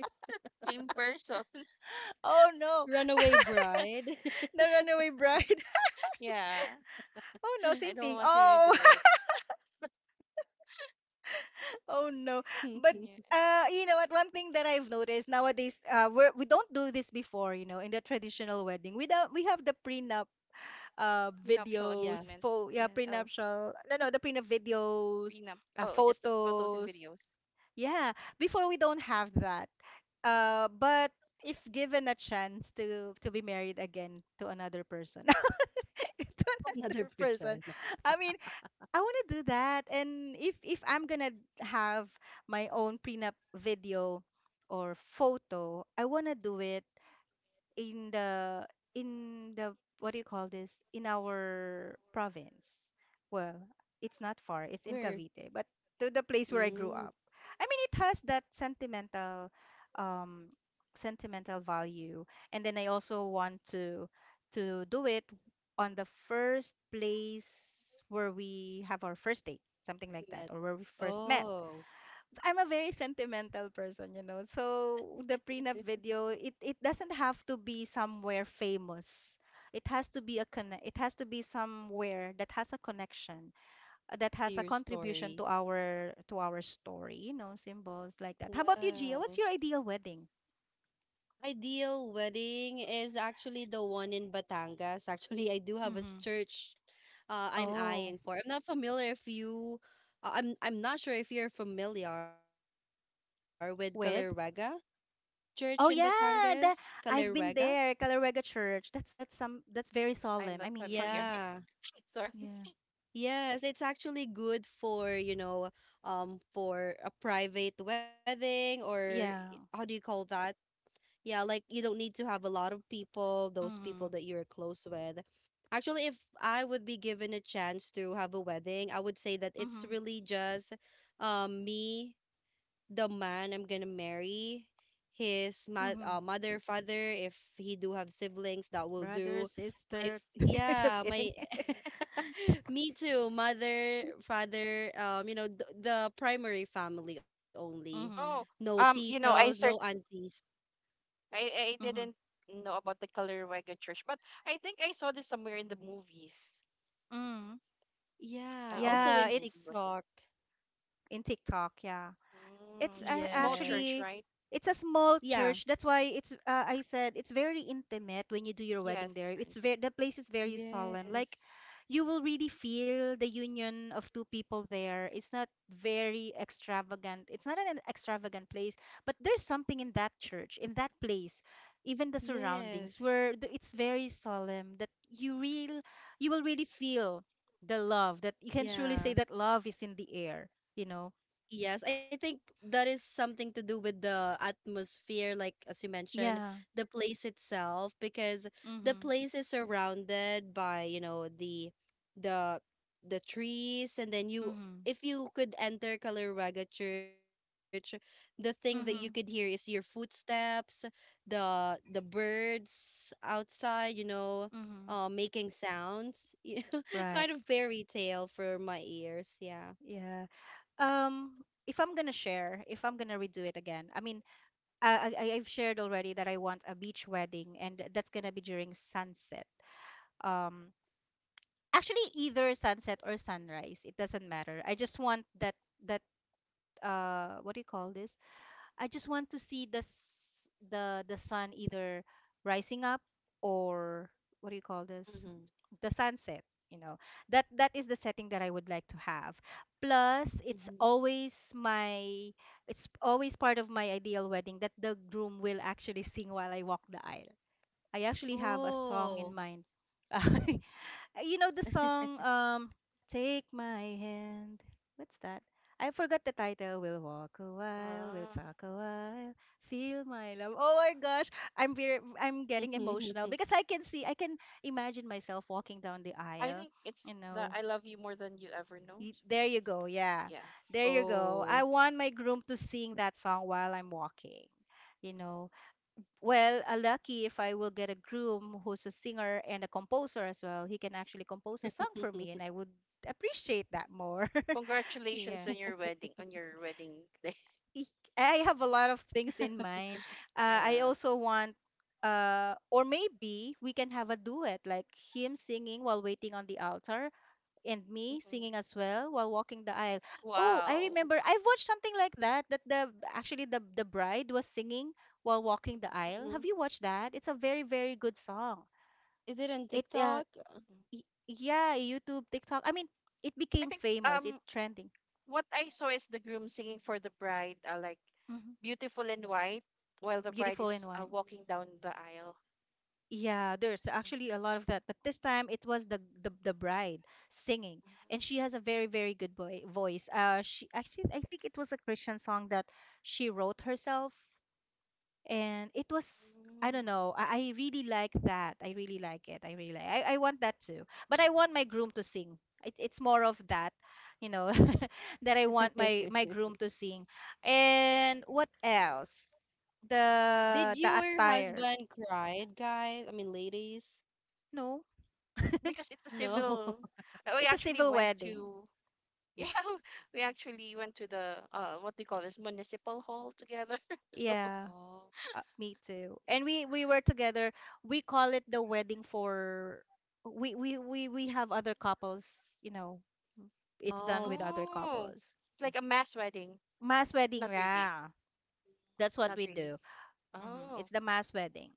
Same person. oh no, Runaway bride? the runaway bride. Yeah. Oh no, I same don't thing. want to Oh. redo it. Oh no. But Yeah. You know what? One thing that I've noticed nowadays, we don't do this before, in the traditional wedding. We don't, we have the prenup, Prenuptial videos, Yeah. agreement. pho yeah, Yeah. Oh, prenuptial, no, no, the prenup prenup. videos, Oh, just the photos and photos. videos. Yeah, before we don't have that. But if given a chance to be married again to another person, to Another another person. person, I mean, I want to do that. And if I'm gonna have my own prenup video or photo, I want to do it in the in the what do you call this, in our province. Well, it's not far. It's in Where? Cavite, but to the place where I grew Mm, up. I mean, it has that um sentimental value. And then I also want to do it on the first place where we have our first date, met. something like that, or where we first met. Oh, I'm a very sentimental person. So the prenup video, it doesn't have to be somewhere famous. It has to be it has to be somewhere that has a connection, that has a to your contribution to story. our to our story, symbols like that. How about you, Gia? Wow. What's your ideal wedding? Ideal wedding is actually the one in Batangas. Actually, I do have a Mm-hmm. church, I'm Oh, eyeing for. I'm not familiar if you, I'm not sure if you're familiar with Calirega with? Church in Batangas. Oh yeah, Calirega? I've been there, Kalawega Church. That's very solemn. I I'm not Yeah. mean, for me. familiar. Sorry. Yeah. Yes, it's actually good for, you know, for a private wedding, or how do you Yeah. call that? Yeah, like you don't need to have a lot of people, those people that Mm-hmm. you're close with. Actually, if I would be given a chance to have a wedding, I would say that Mm-hmm. it's really just, me, the man I'm gonna marry, his mother, father, if he do have siblings, that will Brother, do. My f- sister. Just yeah, kidding. my, me too, mother, father, the primary family only. Mm-hmm. Oh, No titos, I no searched. aunties. I Mm-hmm. didn't know about the Kalarawaga Church, but I think I saw this somewhere in the movies. Mm. Yeah, I don't know also Yeah, which in movie it's was it. TikTok. in TikTok, yeah. it's Mm, a- just a small Yes. church, actually right? it's a small Yeah. church. That's why it's I said it's very intimate when you do your wedding Yes, there. it's It's very very intimate. the place is very solemn. Like Yes. you will really feel the union of two people there. It's not very extravagant. It's not an extravagant place, but there's something in that church, in that place, even the surroundings Yes. it's very solemn that you will really feel the love that you can truly say that Yeah. love is in the air, you know. Yes, I think that is something to do with the atmosphere, like as you mentioned, Yeah. the place itself, because the Mm-hmm. place is surrounded by, the, the the trees, and then you Mhm. if you could enter Kalaraga Church, the thing that you could hear is your Mhm. footsteps, the birds outside, Mhm. making sounds. Yeah, Right. kind of fairy tale for my ears, yeah. Yeah. If I'm going to share, if I'm going to redo it again. I mean, I I've shared already that I want a beach wedding, and that's going to be during sunset. Um Actually, either sunset or sunrise, it doesn't matter. I just want that what do you call this? I just want to see the sun either rising up or what do you call Mm-hmm. this? The sunset, you know. That is the setting that I would like to have. Plus, it's always my it's always part of my ideal wedding that the groom will actually sing while I walk the aisle. I actually have a song in Oh. mind. You know the song, Take My Hand. What's that? I forgot the title. We'll walk a while, we'll Ah, talk a while. Feel my love. Oh my gosh, I'm getting emotional because I can see, I can imagine myself walking down the I aisle, think it's you the know. I love you more than you ever know. Y- There you go. Yeah. Yes. There you go. I Oh. want my groom to sing that song while I'm walking. You know, well, lucky if I will get a groom who's a singer and a composer as well. He can actually compose a song for me, and I would appreciate that more. Congratulations Yeah. On your wedding day. I I have a lot of things in mind. I Yeah. also want, or maybe we can have a duet, like him singing while waiting on the altar, and me singing hmm as well while walking the aisle. Oh, I Wow. remember I've watched something like that, that the actually the bride was singing while walking the Mhm. aisle. Have Mhm. you watched that? It's a very, very good song. Is it on It uh TikTok? Yeah, YouTube, TikTok. I mean, it I became think famous. It trending. what I saw is the groom singing for the bride, like hmm beautiful and white, while the bride Beautiful in is one. walking down the aisle. Yeah, there's Mhm. actually a lot of that, but this time it was the bride singing, and she has a very, very good boy, voice. She actually, I think it was a Christian song that she wrote herself, and it was, I Mm. don't know. I really like that. I really like it. I really like. I want that too. But I want my groom to sing. It's more of that, you know, that I want my groom to sing. And what else? Did The your attire. husband cried, guys? I mean, ladies? No, Because it's a No. civil. We it's a actually civil went wedding. to yeah, we actually went to the what do you call this municipal hall together. Yeah, Oh. Me too. And we were together. We call it the wedding for we have other couples, you know. It's done Oh. with other Oh, couples. it's like a mass wedding. Mass wedding, Not really. yeah. That's what Not we really. do. Oh, It's the mass wedding.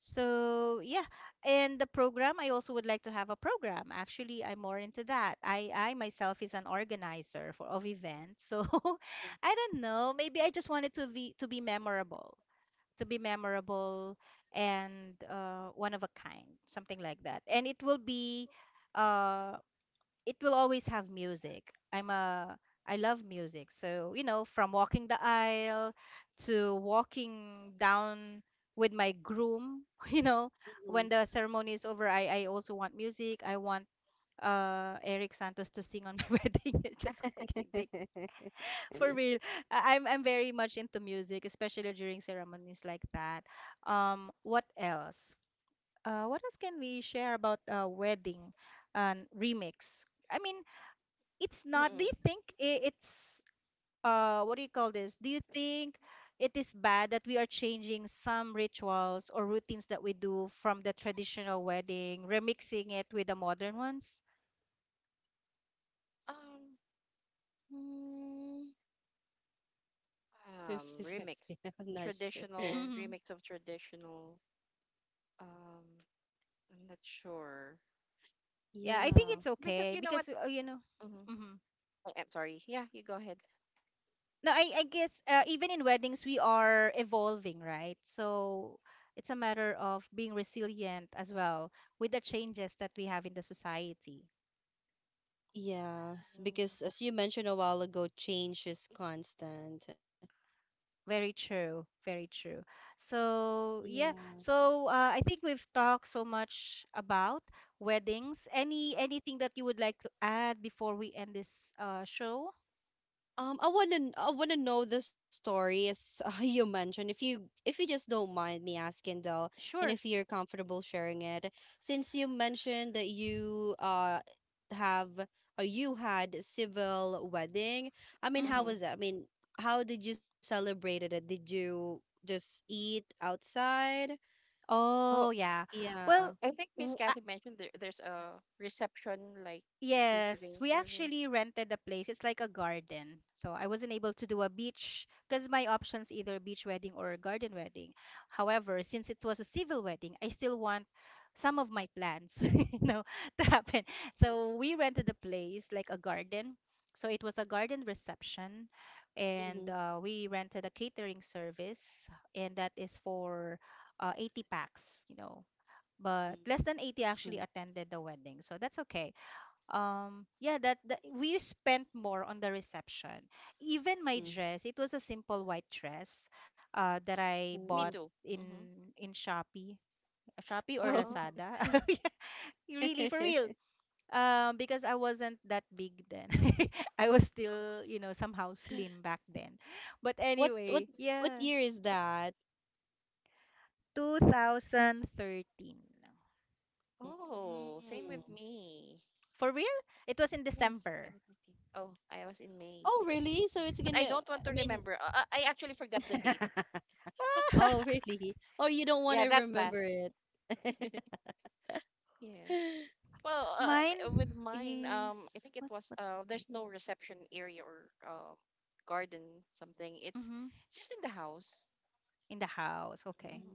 So yeah, and the program, I also would like to have a program. Actually, I'm more into that. I myself is an organizer for of events. So I don't know, maybe I just wanted to be memorable, to be memorable and one of a kind, something like that. And uh it will always have music. I love music. So, you know, from walking the aisle to walking down with my groom, you know, Mhm. when the ceremony is over, I also want music. I want Eric Santos to sing on my wedding. It's just kidding. For real. I'm very much into music, especially during ceremonies like that. What else? What else can we share about wedding and remix? I mean, it's not, mm do you think it's what do you call this, do you think it is bad that we are changing some rituals or routines that we do from the traditional wedding, remixing it with the modern ones? Um, Mm, 50/50. remix, I'm not sure. traditional Mm-hmm. remix of traditional. Um, I'm not sure. Yeah, I think Yeah. it's Because you okay know what? because, you know, Mm-hmm. mm-hmm, I'm sorry. Yeah, you go ahead. no I guess, even in weddings we are evolving, right? So it's a matter of being resilient as well with the changes that we have in the society. Yes, because as you mentioned a while ago, change is constant. Very true. Very true. So, yeah. Yeah. So, I think we've talked so much about weddings. Any anything that you would like to add before we end this show? I wanna know the story, as you mentioned. If you, just don't mind me asking though, and Sure. if you're comfortable sharing it, since you mentioned that you have, or you had civil wedding, I mean, how Mm-hmm. hmm was that? I mean, how did you celebrate it? Did you just eat outside? Oh, Oh, yeah. Well, Yeah. I think Miss w- Kathy mentioned there's a reception like catering Yes, we actually service. rented the place. It's like a garden. So I wasn't able to do a beach because my options either beach wedding or a garden wedding. However, since it was a civil wedding, I still want some of my plans, you know, to happen. So we rented the place like a garden. So it was a garden reception, and Mm-hmm. We rented a catering service, and that is for eighty packs, you know. But less than eighty actually Small. attended the wedding, so that's okay. Yeah, that we spent more on the reception. Even my Mm. dress, it was a simple white dress that I bought Ooh. Me too. in Mm-hmm. Shopee, Shopee or Oh. Oh, Lazada. Yeah, really, for real. Because I wasn't that big then, I was still, you know, somehow slim back then, but what what anyway, what yeah, year is that? 2013. oh, same with Mm. me. For real. It was in Yes, December. 2019. Oh, I was in May, Oh, really? So it's but I gonna, don't want I to mean, remember. I actually forgot the date. oh, really? Or you don't want to Yeah, that remember fast. it? Yes. Well, with Mine mine, is, I think it what was what's the there's date? no reception area or garden something. It's Mm-hmm. it's just in the house. In the house, okay. Mhm.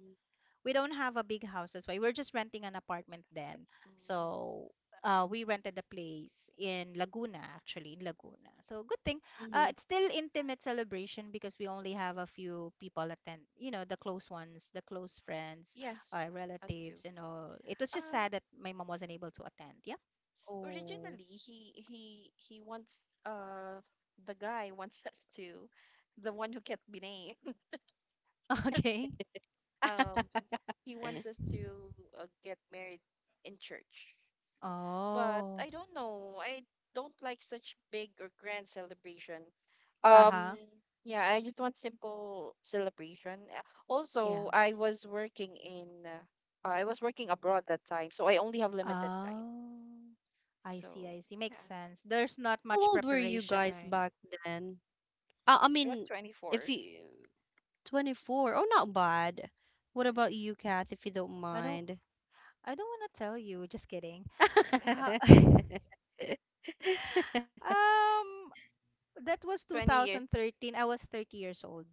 We don't have a big house, that's why we're just renting an apartment then. Mm, So, we rented a place in Laguna, actually, in Laguna. So, good thing. Mm-hmm. It's still intimate celebration because we only have a few people attend, you know, the close ones, the close friends, yes, us too. relatives, and all. It was just Um, sad that my mom wasn't able to attend. Yeah. Oh. originally he wants the guy wants us to, the one who kept be named. Okay. Um, he How wants us to get married in church. But Oh. I don't know. I don't like such big or grand celebration. Uh-huh. Um, yeah, I just want simple celebration. Also, Yeah. I was working in I was working abroad that time, so I only have limited time. Oh, I see, So, I see. Makes yeah. sense. There's not much old were you preparation, guys right? back then? I I was mean, if 24. you, 24, oh, not bad. What Yeah. about you, Kath, if you don't I don't, mind? I don't want to tell you. Just kidding. Ha- Um, that was 20 years. 2013. I was 30 years old.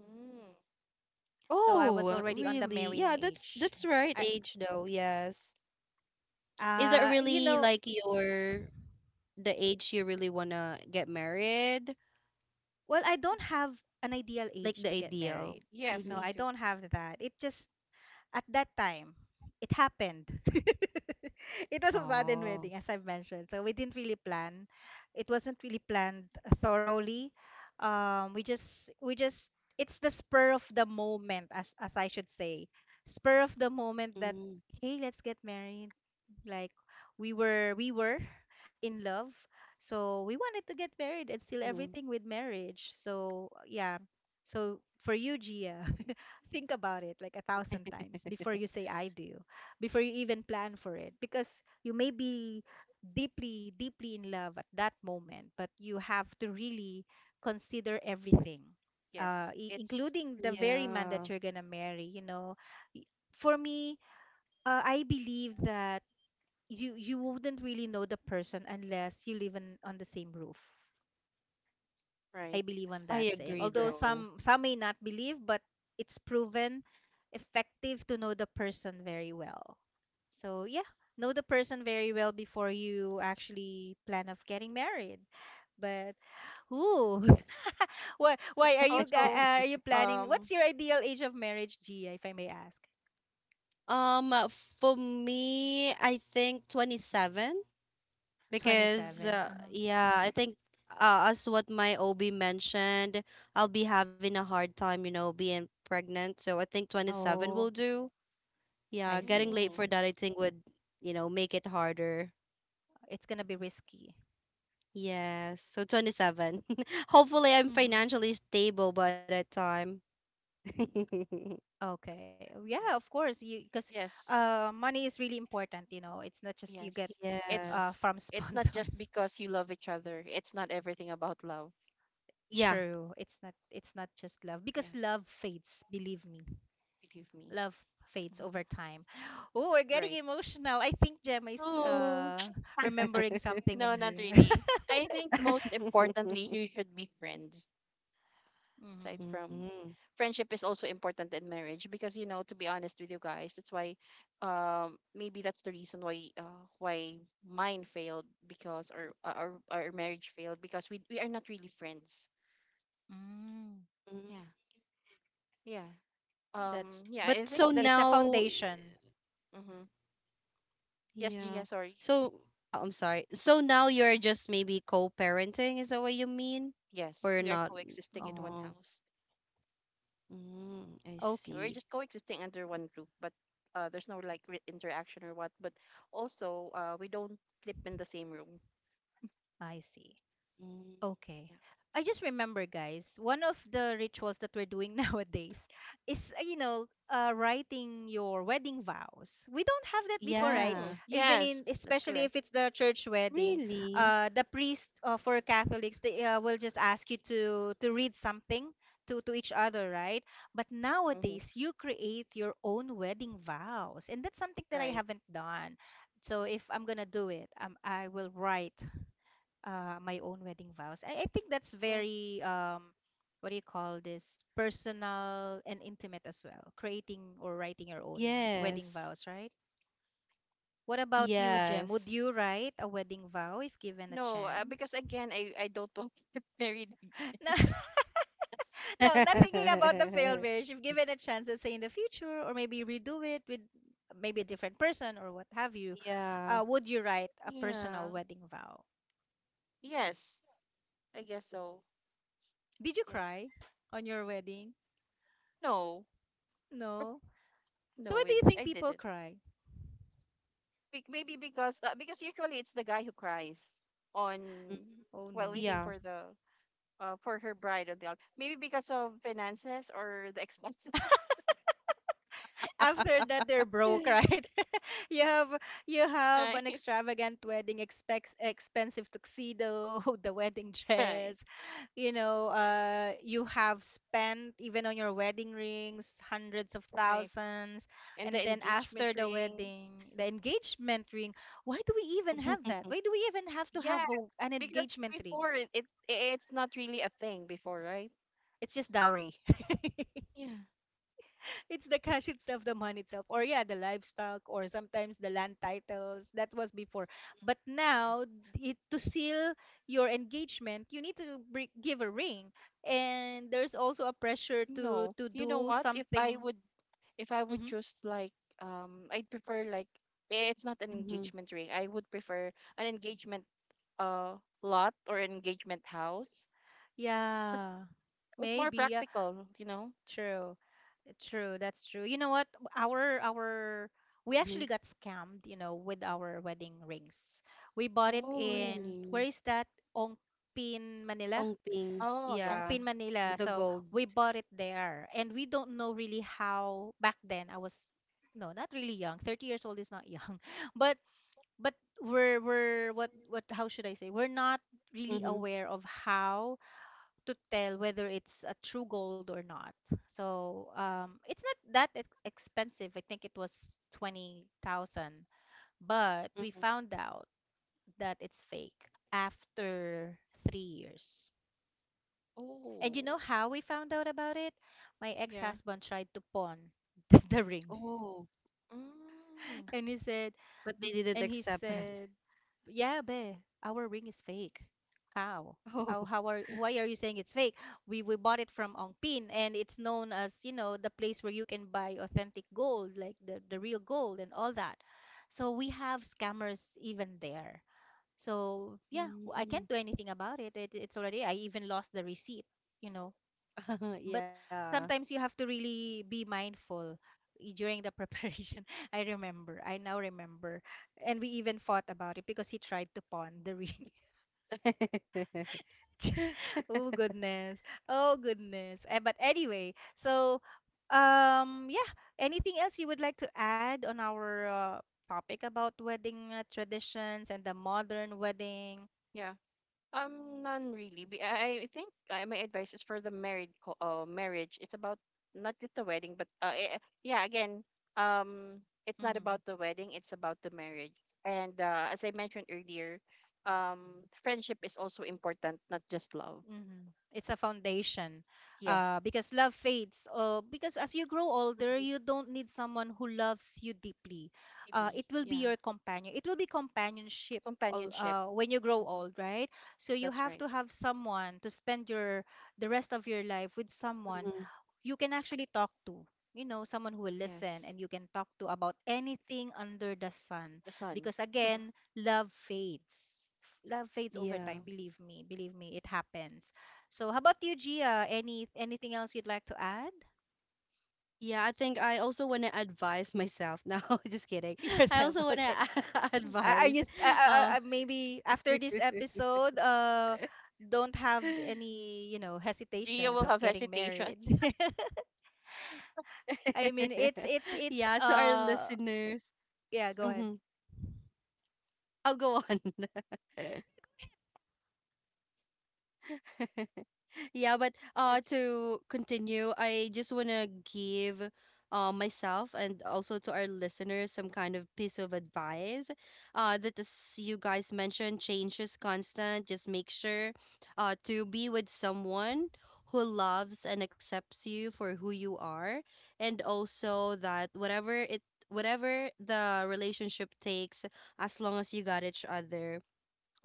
Mm. Oh, So I really? was Yeah, already on the that's marrying right age. age though, I yes. Is that really like You know, your the age you really wanna get married, well, I don't have an ideal like age the to get ideal? married. Yes, No, me Mm-hmm. I too. don't have that. It just, at that time, it happened. It was a sudden wedding, Oh. as I've mentioned. So we didn't really plan. It wasn't really planned thoroughly. We just, it's the spur of the moment, as I should say, spur of the moment that, Mm-hmm. hey, let's get married, like we were in love, so we wanted to get married and seal everything with marriage. So yeah, so for you, Gia, think about it like a thousand times before you say I do, before you even plan for it, because you may be deeply, deeply in love at that moment, but you have to really consider everything, Yes, it's including the very man Yeah, that you're gonna marry, you know. For me, I believe that you wouldn't really know the person unless you live in, on the same roof. right. I believe on I that That's saying. agree Although correct. though. some may not believe, but it's proven effective to know the person very well. So yeah, know the person very well before you actually plan of getting married. But ooh, why are you guy, Also, are you planning? um, What's your ideal age of marriage, Gia, if I may ask? Um, uh, for me, I think 27, because yeah. 27. Uh-huh. yeah, I think, as what my OB mentioned, I'll be having a hard time, being pregnant. So I think 27 will Oh, do. Yeah, I getting see. late for Mm. that, I think would, make it harder. It's gonna be risky. Yes, so 27. Hopefully, I'm Mm-hmm. financially stable by that time. Okay. Oh, yeah, Yeah. of course. You because Yes. Money is really important, you know. It's not just you get Yes. It's Yes. from it's not just sponsors. because you love each other. It's not everything about love. Yeah. True. It's not just love, Yeah, because love fades, believe me. believe me. Love fades hmm over time. Oh, we're getting Right. emotional. I think Gemma is Oh. Remembering something in No, not here. really. I think most importantly, you should be friends. hmm Aside from Mm. friendship is also important in marriage because you know, to be honest with you guys, that's why maybe that's the reason why why mine failed because or our marriage failed because we are not really friends. Mm. Mm. Yeah. Yeah. But That's, so Yeah, I think it's that's now, a foundation. mhm. Yes, yeah. Gia, sorry. So, oh, I'm sorry. So now you're just maybe co-parenting, is that what you mean? Or you're Yes, we are not? coexisting in one Oh, Mm. house. mm, I see. And we're Okay. just coexisting under one roof, but there's no like interaction or what. But also, we don't sleep in the same room. I see. Mm. Okay. Yeah. I just remember, guys, one of the rituals that we're doing nowadays is, you know, writing your wedding vows. We don't have that before, right? Yeah. Mm, Even yes, in, that's especially correct. if it's the church wedding, Really? The priest, for Catholics, they will just ask you to read something to each other, right? But Mm-hmm. nowadays, you create your own wedding vows, and that's something that I Right. haven't done. So if I'm gonna do it, I will write my own wedding vows. I think that's Well, very what do you call this? Personal and intimate as well. Creating or writing your own wedding Yes. vows, right? What about you, Jem? Would Yes. you write a wedding vow if given a no, chance? because again, I don't want to get married. No, no, not thinking about the failed marriage. If given a chance, let's say in the future, or maybe redo it with maybe a different person or what have you, would Yeah. you write a personal Yeah. wedding vow? Yes, I guess so. Did you Yes. cry on your wedding? No, No. So why no, do it, you think I people didn't. cry? Maybe because usually it's the guy who cries on Oh while no. waiting for Yeah. the for her bride on the altar. Maybe because of finances or the expenses. After that they're broke, right? you have you have an Right, extravagant wedding, expects expensive tuxedo, the wedding right, dress. You have spent even on your wedding rings hundreds of right. thousands. And the And then engagement after the ring. wedding, the engagement ring. Why do we even have to have Yeah, an because engagement ring? before it's not really a thing before, right? It's just dowry. Yeah. It's the cash itself, the money itself, or yeah, the livestock, or sometimes the land titles. That was before, but now, it, to seal your engagement, you need to give a ring, and there's also a pressure to No, to you know do what? Something. If I would Hmm. just like, I'd prefer like eh, it's not an Mm-hmm. engagement ring. I would prefer an engagement uh lot or an engagement house. Yeah, It's more maybe. Yeah, practical, you know. true, true. That's true. You know what? Our we actually Mm-hmm. got scammed. You know, with our wedding rings, we bought it Oh, Oh, in, where really? is that? Ongpin, Manila. Ongping. oh yeah. Ongpin, Yeah. Manila. The So we gold. bought it there. And we don't know really how. Back then I was, no, not really young. 30 years old is not young. But but we're what, how should I say? We're not really Mm-hmm. aware of how to tell whether it's a true gold or not. So it's not that expensive. I think it was 20,000, but we Mm-hmm. found out that it's fake after 3 years. And you know Oh, how we found out about it? My yeah. ex-husband tried to pawn the ring. Oh, Mm, And he said, but they and didn't he accept said, it. "Yeah, babe, our ring is fake. How? How? Oh. How are? Why are you saying it's fake? We bought it from Ongpin, and it's known as, you know, the place where you can buy authentic gold, like the real gold and all that. So we have scammers even there. So yeah, I can't do Mm. anything about it. It's already. I even lost the receipt. You know." But Yeah. sometimes you have to really be mindful during the preparation. I remember, I now remember, and we even fought about it because he tried to pawn the ring. oh goodness, oh goodness. Eh, but anyway, so yeah. Anything else you would like to add on our topic about wedding traditions and the modern wedding? yeah. None really. I think my advice is for the married marriage. It's about not just the wedding, but yeah, again, it's not Mm-hmm. about the wedding. It's about the marriage. And as I mentioned earlier, friendship is also important, not just love. Hmm. It's a foundation. Yes, Because love fades. Because as you grow older, you don't need someone who loves you deeply. Deeply. It will be Yeah, your companion. It will be companionship companionship. When you grow hmm old, right? So you That's have right. to have someone to spend your the rest of your life with, someone you can actually talk to, you know, someone who will listen Yes, and you can talk to about anything under the sun. the son. Because again, love fades, love fades over Yeah. time. Believe me, believe me, it happens. So how about you, Gia? Any anything else you'd like to add? Yeah, I think I also want to advise myself. No, just kidding. I yourself, also want okay. to, Are you advise, uh, maybe after this episode, don't have any, you know, Gia hesitations will of have getting hesitation. married? I yeah, mean, to our it's it's it's listeners. uh Hmm. yeah, go ahead. I'll go on. Yeah, but Yes. to continue, I just want to give myself and also to our listeners some kind of piece of advice. That as you guys mentioned, change is constant. Just make sure to be with someone who loves and accepts you for who you are, and also that whatever it, whatever the relationship takes, as long as you got each other,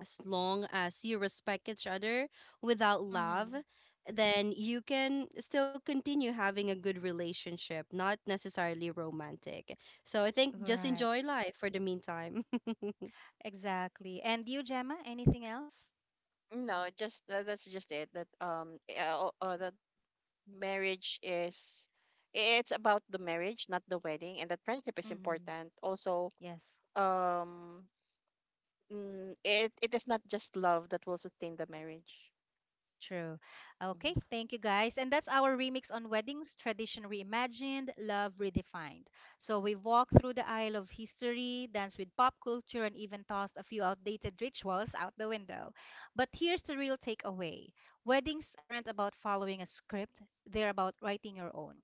as long as you respect each other, without love, then you can still continue having a good relationship, not necessarily romantic. So I think just Right. enjoy life for the meantime. Exactly. And you, Gemma, anything else? No, just that's just it. That that marriage is it's about the marriage, not the wedding, and that friendship is Mm-hmm. important. Also, Yes. um, mm, it is not just love that will sustain the marriage. True. Okay, Mhm. thank you guys. And that's our remix on weddings, tradition reimagined, love redefined. So we walked through the aisle of history, danced with pop culture, and even tossed a few outdated rituals out the window. But here's the real takeaway: weddings aren't about following a script, they're about writing your own.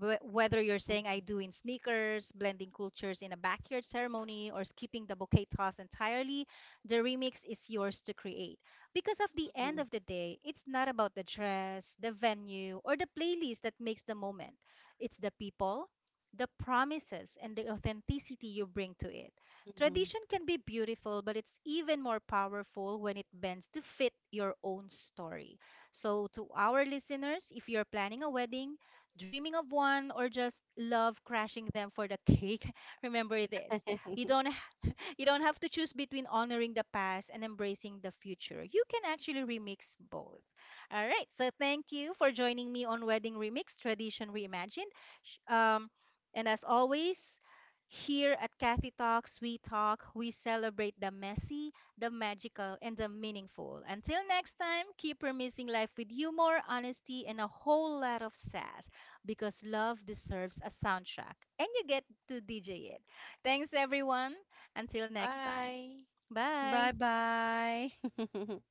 Whether you're saying I do in sneakers, blending cultures in a backyard ceremony, or skipping the bouquet toss entirely, the remix is yours to create. Because of the end of the day, it's not about the dress, the venue, or the playlist that makes the moment. It's the people, the promises, and the authenticity you bring to it. Tradition can be beautiful, but it's even more powerful when it bends to fit your own story. So, to our listeners, if you're planning a wedding, dreaming of one, or just love crashing them for the cake, remember this. You don't you don't have to choose between honoring the past and embracing the future. You can actually remix both. All right. So thank you for joining me on Wedding Remix Tradition Reimagined. Sh- Um, and as always, here at Kathy Talks, we talk, we celebrate the messy, the magical, and the meaningful. Until next time, keep remixing life with humor, honesty, and a whole lot of sass, because love deserves a soundtrack and you get to DJ it. Thanks, everyone. Until next time. Bye. Bye. Bye, bye.